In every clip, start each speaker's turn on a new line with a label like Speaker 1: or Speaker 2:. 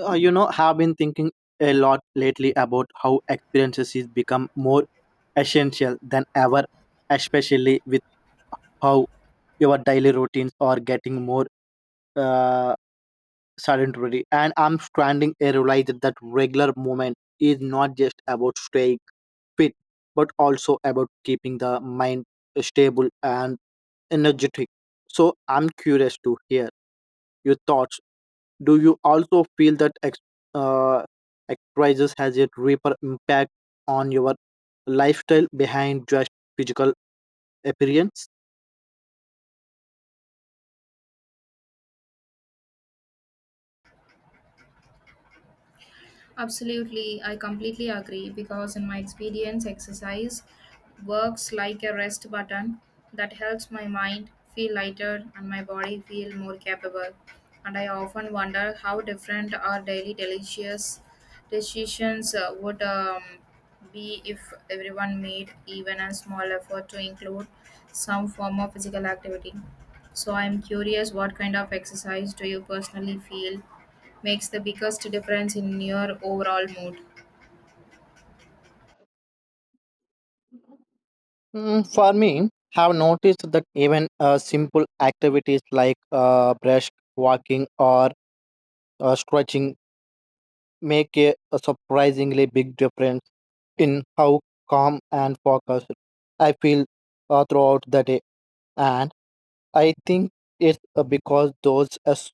Speaker 1: Have been thinking a lot lately about how experiences is become more essential than ever, especially with how your daily routines are getting more uh, sedentary. And I'm standing a realize that regular movement is not just about staying fit, but also about keeping the mind stable and energetic. So I'm curious to hear your thoughts, do you also feel that uh, exercise has a deeper impact on your lifestyle behind just physical appearance?
Speaker 2: Absolutely, I completely agree because, in my experience, exercise works like a rest button that helps my mind feel lighter and my body feel more capable. And I often wonder how different our daily delicious decisions would be if everyone made even a small effort to include some form of physical activity. So, I'm curious, what kind of exercise do you personally feel makes the biggest difference in your overall mood?
Speaker 1: For me, have noticed that even simple activities like brush walking or stretching make a surprisingly big difference in how calm and focused I feel throughout the day. And I think it's because those as,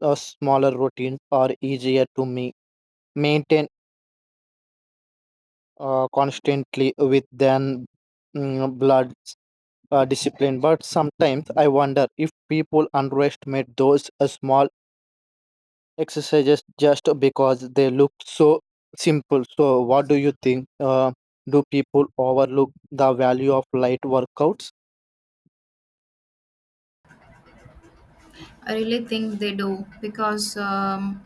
Speaker 1: uh, smaller routines are easier to me maintain constantly with than blood discipline. But sometimes I wonder if people underestimate those small exercises just because they look so simple. So, what do you think? Do people overlook the value of light workouts?
Speaker 2: I really think they do because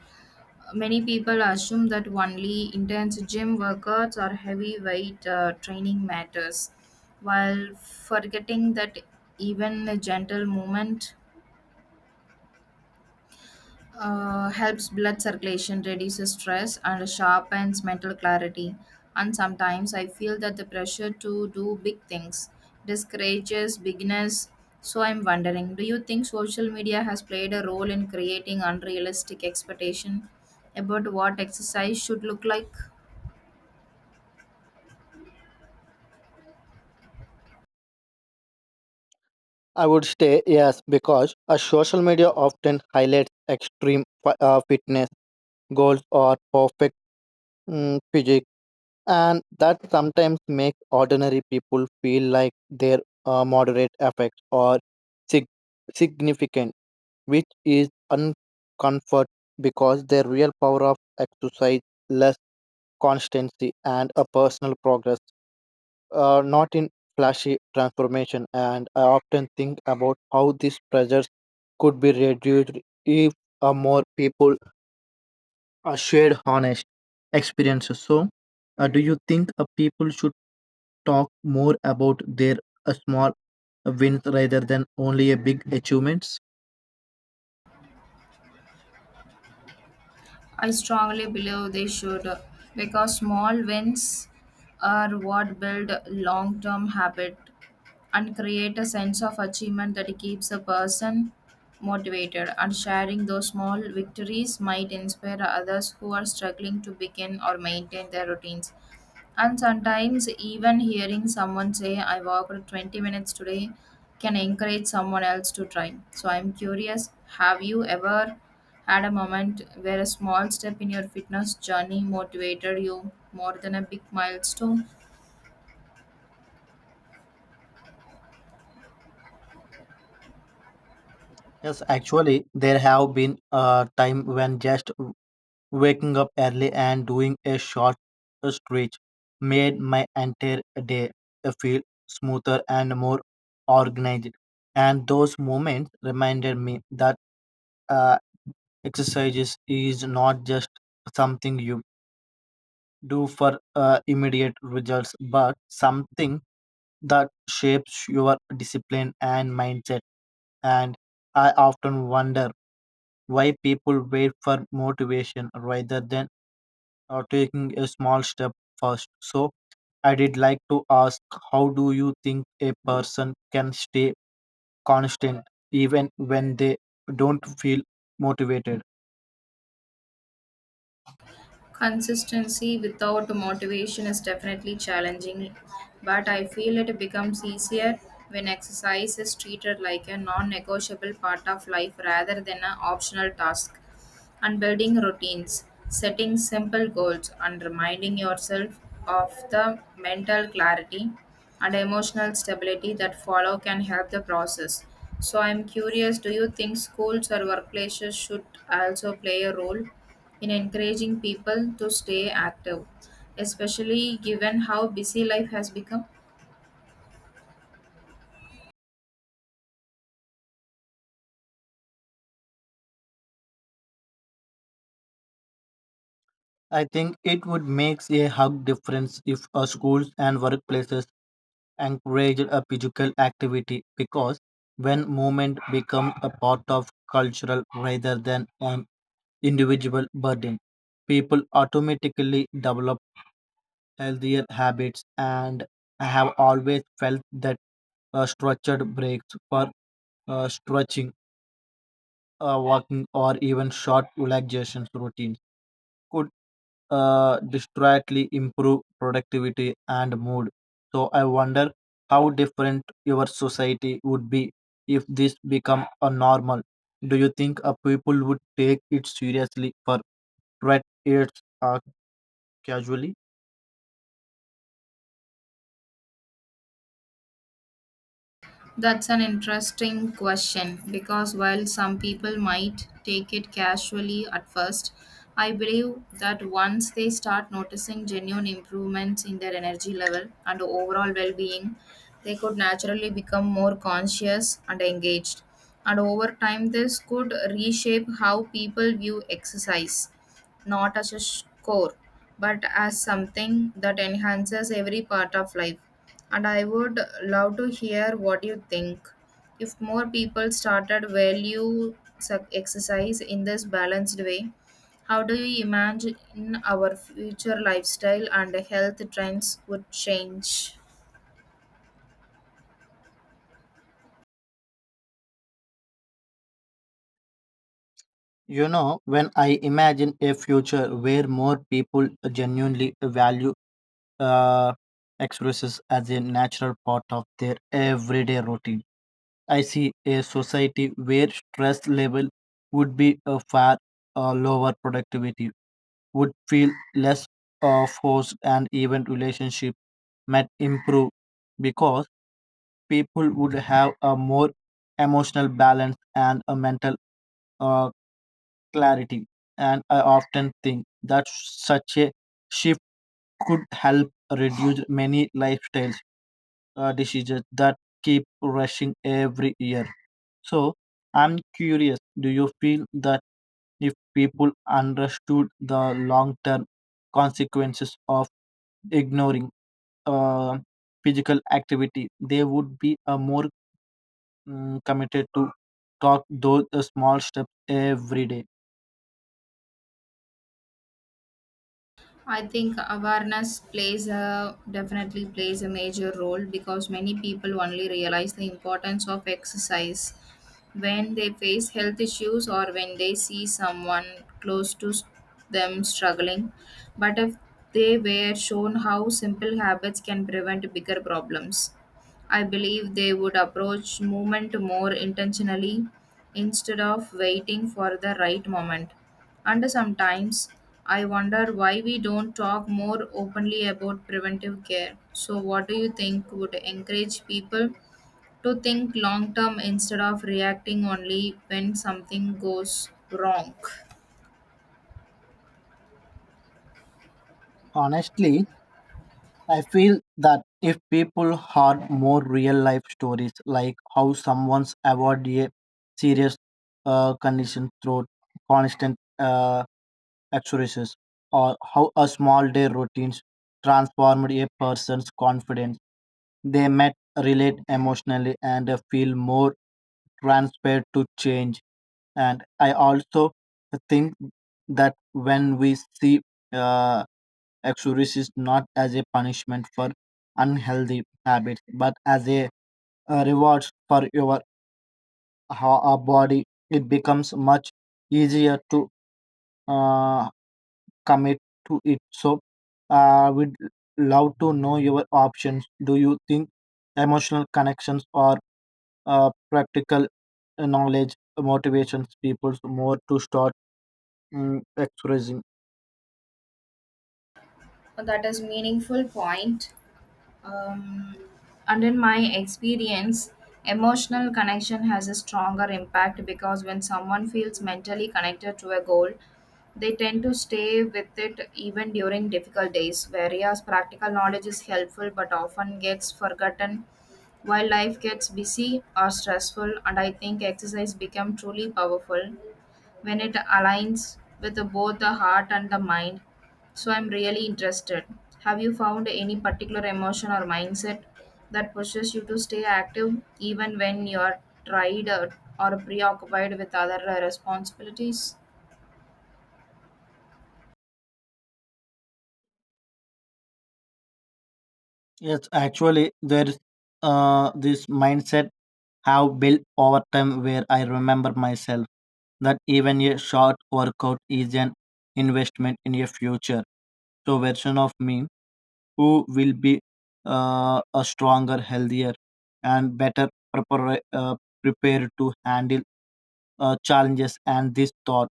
Speaker 2: many people assume that only intense gym workouts or heavy weight training matters, while forgetting that even a gentle movement helps blood circulation, reduces stress, and sharpens mental clarity. And sometimes I feel that the pressure to do big things discourages beginners. So I'm wondering, do you think social media has played a role in creating unrealistic expectation about what exercise should look like?
Speaker 1: I would say yes, because a social media often highlights extreme fitness goals or perfect physique, and that sometimes makes ordinary people feel like their moderate effects or sig- significant, which is uncomfort because the real power of exercise, less constancy, and a personal progress, not in flashy transformation. And I often think about how these pressures could be reduced if more people shared honest experiences. So, do you think people should talk more about their small wins rather than only a big achievements?
Speaker 2: I strongly believe they should, because small wins are what build long term habit and create a sense of achievement that keeps a person motivated, and sharing those small victories might inspire others who are struggling to begin or maintain their routines. And sometimes, even hearing someone say, I walked 20 minutes today, can encourage someone else to try. So, I'm curious, have you ever had a moment where a small step in your fitness journey motivated you more than a big milestone?
Speaker 1: Yes, actually, there have been a time when just waking up early and doing a short stretch made my entire day feel smoother and more organized. And those moments reminded me that uh, exercises is not just something you do for immediate results, but something that shapes your discipline and mindset. And I often wonder why people wait for motivation rather than taking a small step first. So, I did like to ask, how do you think a person can stay constant even when they don't feel motivated?
Speaker 2: Consistency without motivation is definitely challenging, but I feel it becomes easier when exercise is treated like a non negotiable part of life rather than an optional task. And building routines, setting simple goals, and reminding yourself of the mental clarity and emotional stability that follow can help the process. So, I'm curious, do you think schools or workplaces should also play a role in encouraging people to stay active, especially given how busy life has become?
Speaker 1: I think it would make a hug difference if schools and workplaces encourage a physical activity because when movement becomes a part of cultural rather than an individual burden, people automatically develop healthier habits, and I have always felt that structured breaks for stretching, walking, or even short relaxation routines could distractly improve productivity and mood. So I wonder how different your society would be if this become a normal. Do you think people would take it seriously for threat it's casually?
Speaker 2: That's an interesting question, because while some people might take it casually at first, I believe that once they start noticing genuine improvements in their energy level and overall well being, they could naturally become more conscious and engaged. And over time, this could reshape how people view exercise, not as a score, but as something that enhances every part of life. And I would love to hear what you think. If more people started exercise in this balanced way, how do you imagine our future lifestyle and health trends would change?
Speaker 1: When I imagine a future where more people genuinely value uh, exercise as a natural part of their everyday routine, I see a society where stress level would be a far lower, productivity would feel less forced, and even relationship might improve because people would have a more emotional balance and a mental uh, clarity. And I often think that such a shift could help reduce many lifestyles decisions that keep rushing every year. So I'm curious, do you feel that if people understood the long term consequences of ignoring uh, physical activity, they would be more committed to talk those small steps every day?
Speaker 2: I think awareness plays a definitely plays a major role, because many people only realize the importance of exercise when they face health issues or when they see someone close to s- them struggling. But if they were shown how simple habits can prevent bigger problems, I believe they would approach movement more intentionally instead of waiting for the right moment. And sometimes I wonder why we don't talk more openly about preventive care. So, what do you think would encourage people to think long term instead of reacting only when something goes wrong?
Speaker 1: Honestly, I feel that if people had more real life stories, like how someone's avoided a serious condition through constant exercises, or how a small day routines transformed a person's confidence, they might relate emotionally and feel more transparent to change. And I also think that when we see uh, Exodus is not as a punishment for unhealthy habits, but as a reward for your body. It becomes much easier to uh, commit to it. So, we'd love to know your options. Do you think emotional connections or practical knowledge motivations people more to start expressing?
Speaker 2: That is meaningful point. Um, and in my experience, emotional connection has a stronger impact, because when someone feels mentally connected to a goal, they tend to stay with it even during difficult days, whereas practical knowledge is helpful but often gets forgotten while life gets busy or stressful. And I think exercise become truly powerful when it aligns with both the heart and the mind. So I'm really interested. Have you found any particular emotion or mindset that pushes you to stay active even when you're tired or preoccupied with other responsibilities?
Speaker 1: Yes, actually, there's this mindset have built over time where I remember myself that even a short workout is an investment in a future. So version of me who will be a stronger, healthier, and better prepar- uh, prepared to handle challenges. And this thought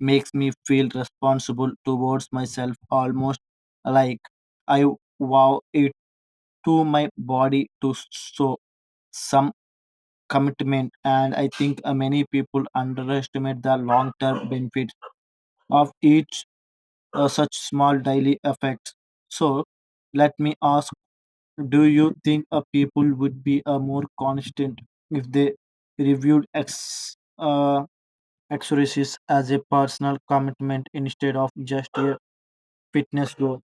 Speaker 1: makes me feel responsible towards myself, almost like I wow it to my body to show some commitment, and I think many people underestimate the long term benefits of each such small daily effects. So, let me ask, do you think people would be more constant if they reviewed ex exercises as a personal commitment instead of just a fitness goal?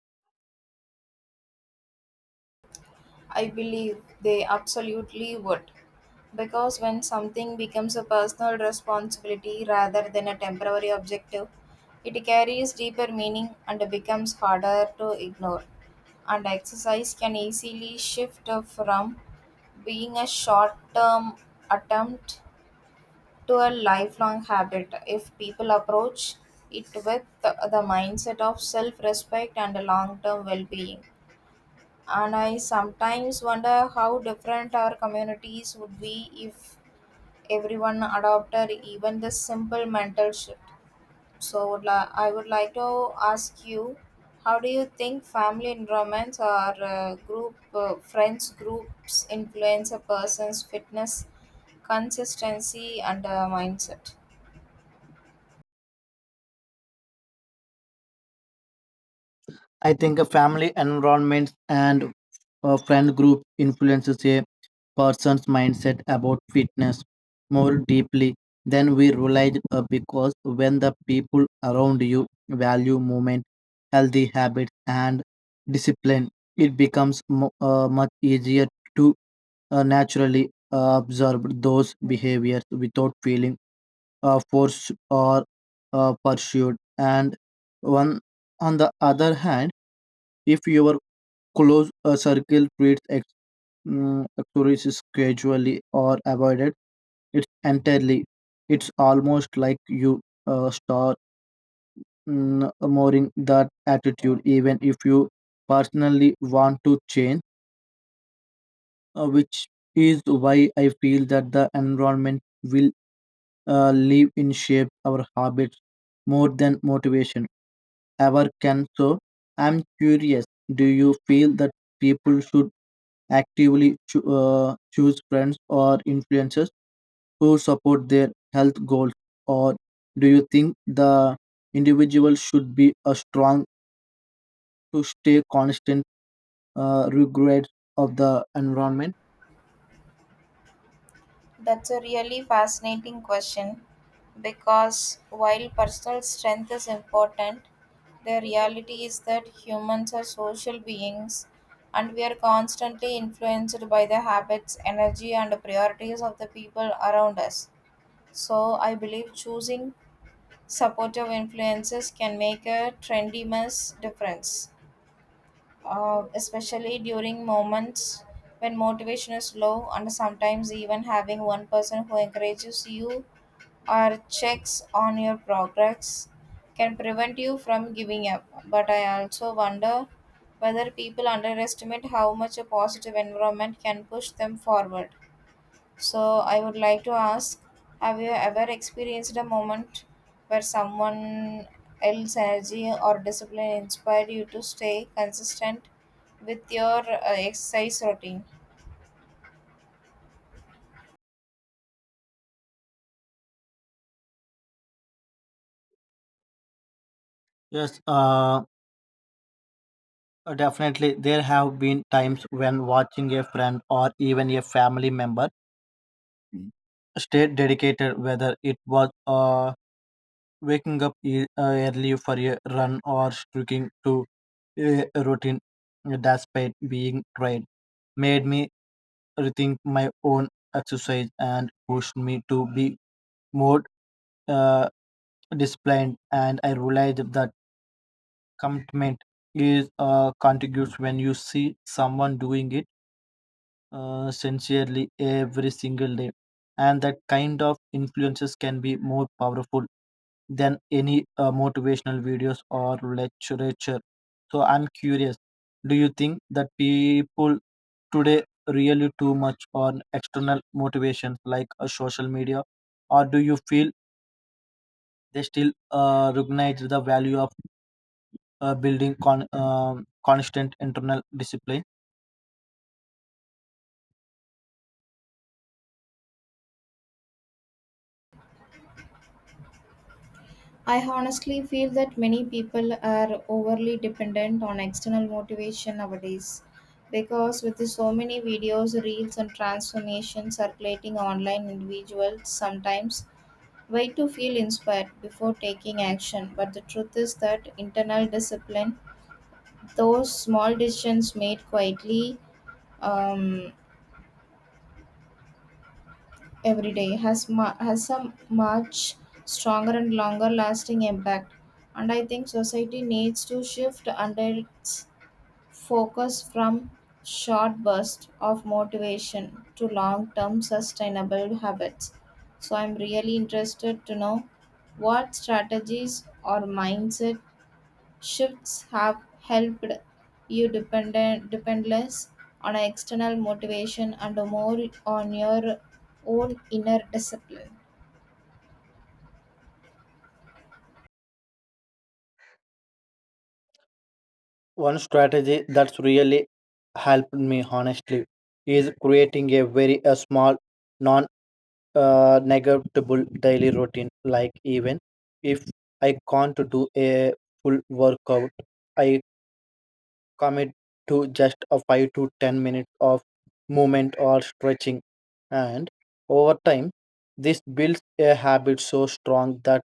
Speaker 2: I believe they absolutely would. Because when something becomes a personal responsibility rather than a temporary objective, it carries deeper meaning and becomes harder to ignore. And exercise can easily shift from being a short term attempt to a lifelong habit if people approach it with the mindset of self respect and long term well being. And I sometimes wonder how different our communities would be if everyone adopted even this simple mental shift. So I would like to ask you, how do you think family environments or group friends groups influence a person's fitness, consistency, and mindset?
Speaker 1: I think a family environment and a friend group influences a person's mindset about fitness more deeply than we realize, because when the people around you value movement, healthy habits, and discipline, it becomes much easier to naturally observe those behaviors without feeling forced or pursued. And one on the other hand, if your close circle treats mm, exercise casually or avoid it it's entirely, it's almost like you start mourning that attitude, even if you personally want to change, which is why I feel that the environment will live in shape our habits more than motivation ever can. So, I'm curious, do you feel that people should actively choose friends or influencers who support their health goals, or do you think the individual should be a strong to stay constant regrets of the environment?
Speaker 2: That's a really fascinating question, because while personal strength is important, the reality is that humans are social beings and we are constantly influenced by the habits, energy, and priorities of the people around us. So, I believe choosing supportive influences can make a tremendous difference, especially during moments when motivation is low, and sometimes even having one person who encourages you or checks on your progress can prevent you from giving up. But I also wonder whether people underestimate how much a positive environment can push them forward. So, I would like to ask, have you ever experienced a moment where someone else's energy or discipline inspired you to stay consistent with your exercise routine?
Speaker 1: Yes, definitely. There have been times when watching a friend or even a family member stay dedicated, whether it was waking up early for a run or sticking to a routine despite being tired, made me rethink my own exercise and pushed me to be more uh, disciplined. And I realized that commitment is contiguous when you see someone doing it sincerely every single day. And that kind of influences can be more powerful than any motivational videos or literature. So I'm curious, do you think that people today really too much on external motivations like social media, or do you feel they still recognize the value of building constant internal discipline?
Speaker 2: I honestly feel that many people are overly dependent on external motivation nowadays, because with the so many videos, reels, and transformations circulating online, individuals sometimes wait to feel inspired before taking action, but the truth is that internal discipline, those small decisions made quietly um, every day, has a much stronger and longer lasting impact. And I think society needs to shift under its focus from short bursts of motivation to long term sustainable habits. So, I'm really interested to know what strategies or mindset shifts have helped you depend less on external motivation and more on your own inner discipline.
Speaker 1: One strategy that's really helped me honestly is creating a very a small, non negotiable daily routine. Like even if I can't do a full workout, I commit to just a 5 to 10 minutes of movement or stretching, and over time, this builds a habit so strong that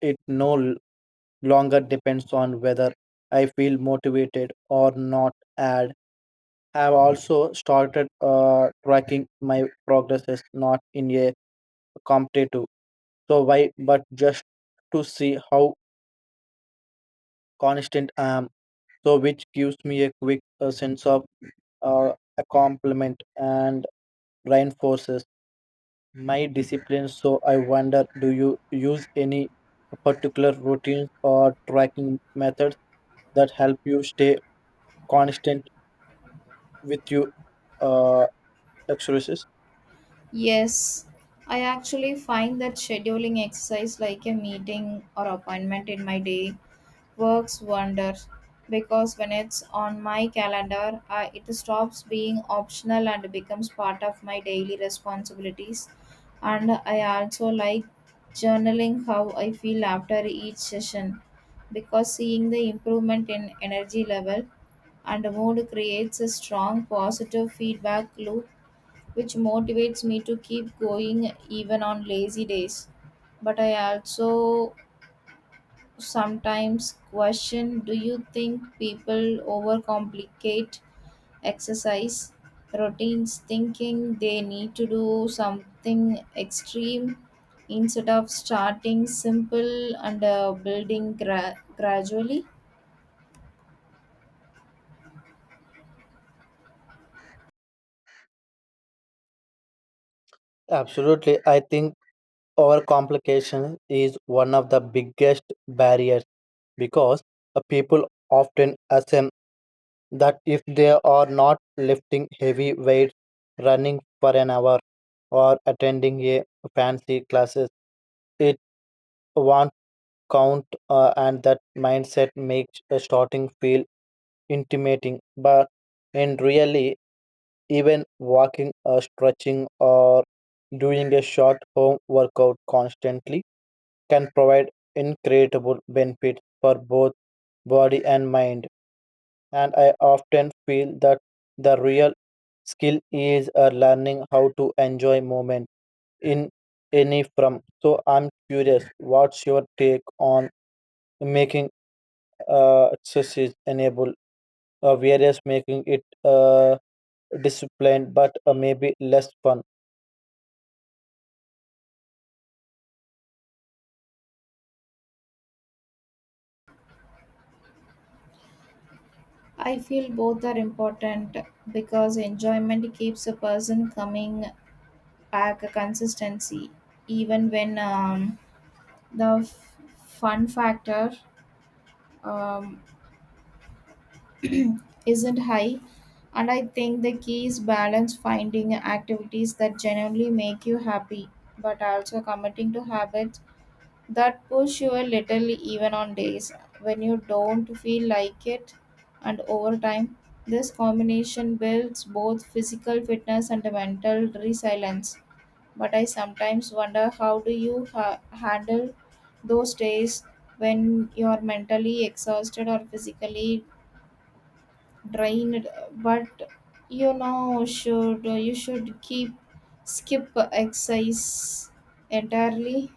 Speaker 1: it no longer depends on whether I feel motivated or not. Have also started tracking my progress is not in a competitive so why, but just to see how constant I am, so which gives me a quick sense of a compliment and reinforces my discipline. So I wonder, do you use any particular routines or tracking methods that help you stay constant with your uh, exercises?
Speaker 2: Yes, I actually find that scheduling exercise like a meeting or appointment in my day works wonders, because when it's on my calendar, it stops being optional and becomes part of my daily responsibilities. And I also like journaling how I feel after each session, because seeing the improvement in energy level and mood creates a strong positive feedback loop, which motivates me to keep going even on lazy days. But I also sometimes question, do you think people overcomplicate exercise routines thinking they need to do something extreme instead of starting simple and building gradually?
Speaker 1: Absolutely, I think overcomplication is one of the biggest barriers because people often assume that if they are not lifting heavy weights, running for an hour, or attending a fancy classes, it won't count, and that mindset makes starting feel intimidating. But in reality, even walking or stretching or doing a short home workout constantly can provide incredible benefits for both body and mind. And I often feel that the real skill is learning how to enjoy moment in any from. So I'm curious, what's your take on making exercise enable various, making it disciplined but maybe less fun?
Speaker 2: I feel both are important, because enjoyment keeps a person coming back, a consistency, even when the fun factor um, isn't high. And I think the key is balance, finding activities that genuinely make you happy, but also committing to habits that push you a little even on days when you don't feel like it. And over time, this combination builds both physical fitness and mental resilience. But I sometimes wonder, how do you handle those days when you're mentally exhausted or physically drained, but you know should you should keep, skip exercise entirely?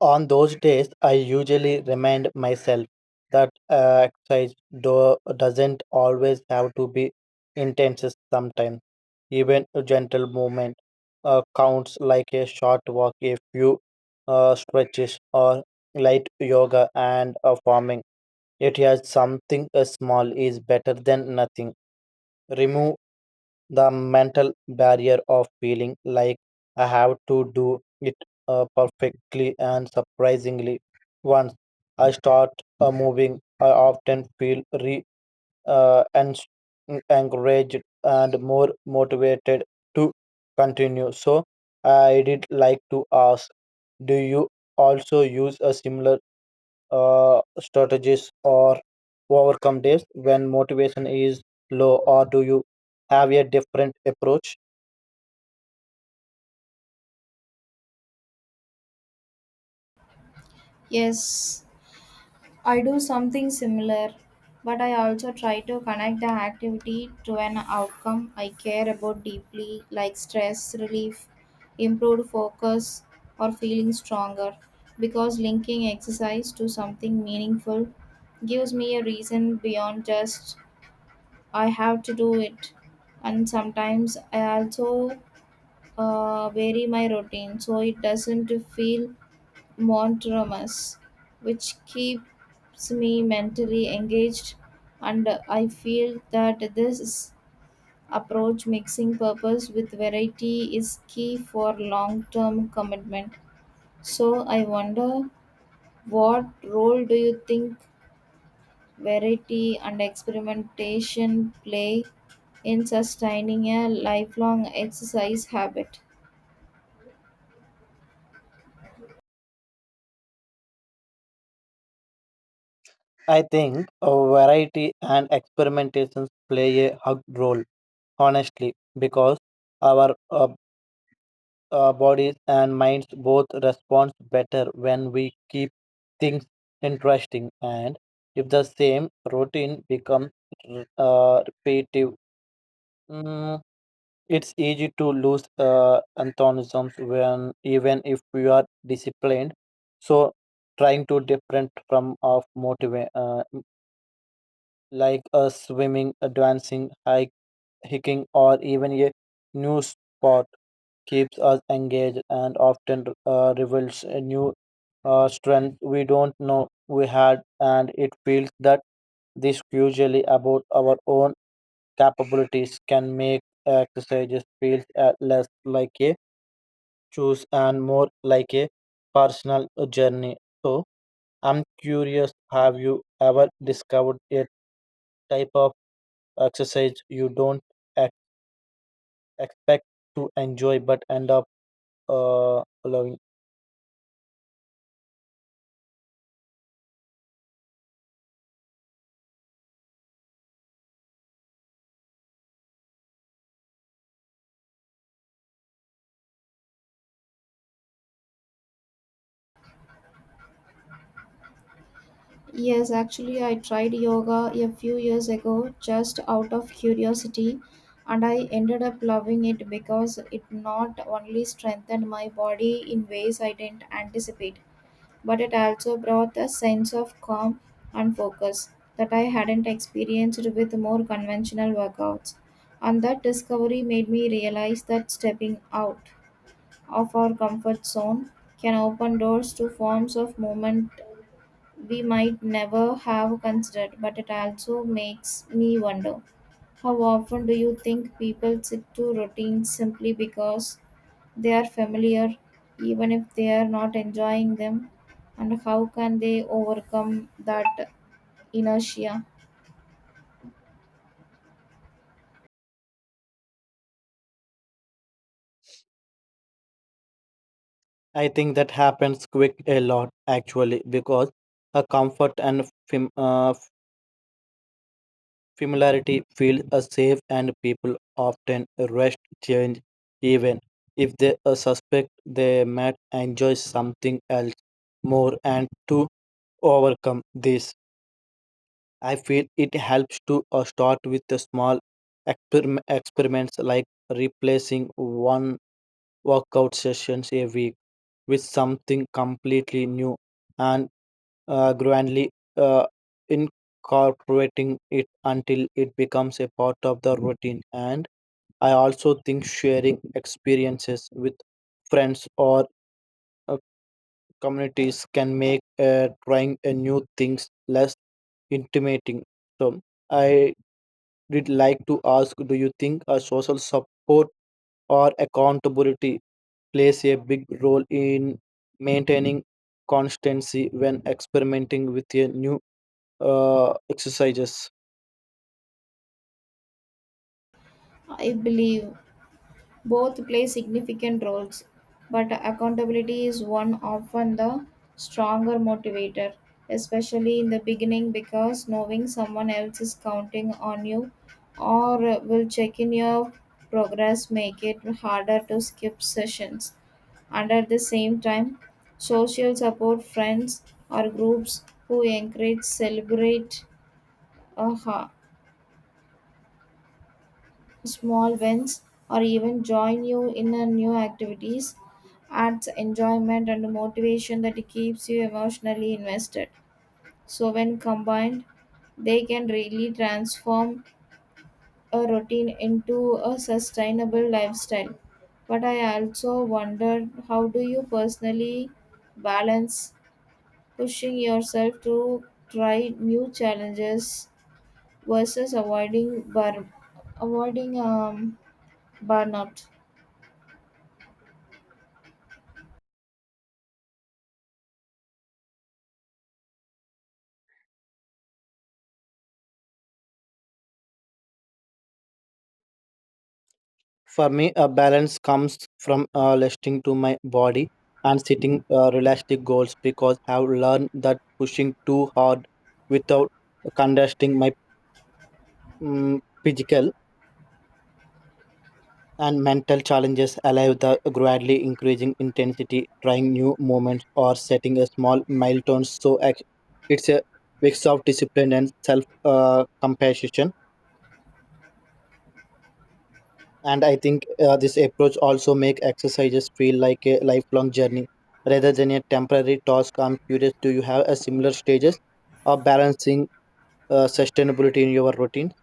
Speaker 1: On those days, I usually remind myself that exercise doesn't always have to be intense. Sometimes, even a gentle movement counts, like a short walk, a few stretches, or light yoga and farming. It has something, small is better than nothing. Remove the mental barrier of feeling like I have to do it perfectly and surprisingly. Once I start moving, I often feel uh, ens- encouraged and more motivated to continue. So I did like to ask, do you also use a similar strategies or overcome days when motivation is low, or do you have a different approach?
Speaker 2: Yes, I do something similar, but I also try to connect the activity to an outcome I care about deeply, like stress relief, improved focus, or feeling stronger, because linking exercise to something meaningful gives me a reason beyond just I have to do it. And sometimes I also vary my routine so it doesn't feel monotonous, which keeps me mentally engaged. And I feel that this approach, mixing purpose with variety, is key for long term commitment. So I wonder, what role do you think variety and experimentation play in sustaining a lifelong exercise habit?
Speaker 1: I think variety and experimentations play a hug role, honestly, because our bodies and minds both respond better when we keep things interesting. And if the same routine becomes repetitive, mm, It's easy to lose antagonisms when even if you are disciplined. So trying to different from of motivate like a swimming, a dancing, hiking, or even a new sport keeps us engaged and often reveals a new strength we don't know we had, and it feels that this usually about our own capabilities can make exercises feel less like a choose and more like a personal journey. So, I'm curious, have you ever discovered a type of exercise you don't ex- expect to enjoy but end up loving?
Speaker 2: Yes, actually, I tried yoga a few years ago just out of curiosity, and I ended up loving it because it not only strengthened my body in ways I didn't anticipate, but it also brought a sense of calm and focus that I hadn't experienced with more conventional workouts. And that discovery made me realize that stepping out of our comfort zone can open doors to forms of movement we might never have considered. But it also makes me wonder, how often do you think people stick to routines simply because they are familiar, even if they are not enjoying them, and how can they overcome that inertia?
Speaker 1: I think that happens quick a lot actually because a comfort and familiarity feel safe, and people often rush change even if they suspect they might enjoy something else more. And to overcome this, I feel it helps to start with the small experiments, like replacing one workout sessions a week with something completely new and grandly uh, incorporating it until it becomes a part of the routine. And I also think sharing experiences with friends or uh, communities can make trying a new things less intimidating. So I did like to ask: Do you think a social support or accountability plays a big role in maintaining constancy when experimenting with a new exercises?
Speaker 2: I believe both play significant roles, but accountability is one often the stronger motivator, especially in the beginning, because knowing someone else is counting on you or will check in your progress make it harder to skip sessions. And at the same time, social support, friends or groups who encourage, celebrate, uh, small wins or even join you in a new activities, adds enjoyment and motivation that keeps you emotionally invested. So when combined, they can really transform a routine into a sustainable lifestyle. But I also wondered, how do you personally balance pushing yourself to try new challenges versus avoiding burnout.
Speaker 1: For me, a balance comes from listening to my body and setting realistic goals because I've learned that pushing too hard without contesting my physical and mental challenges allow the gradually increasing intensity, trying new movements or setting a small milestone. So it's a mix of discipline and self compassion, and I think this approach also make exercises feel like a lifelong journey rather than a temporary task. I'm curious, do you have a similar stages of balancing sustainability in your routine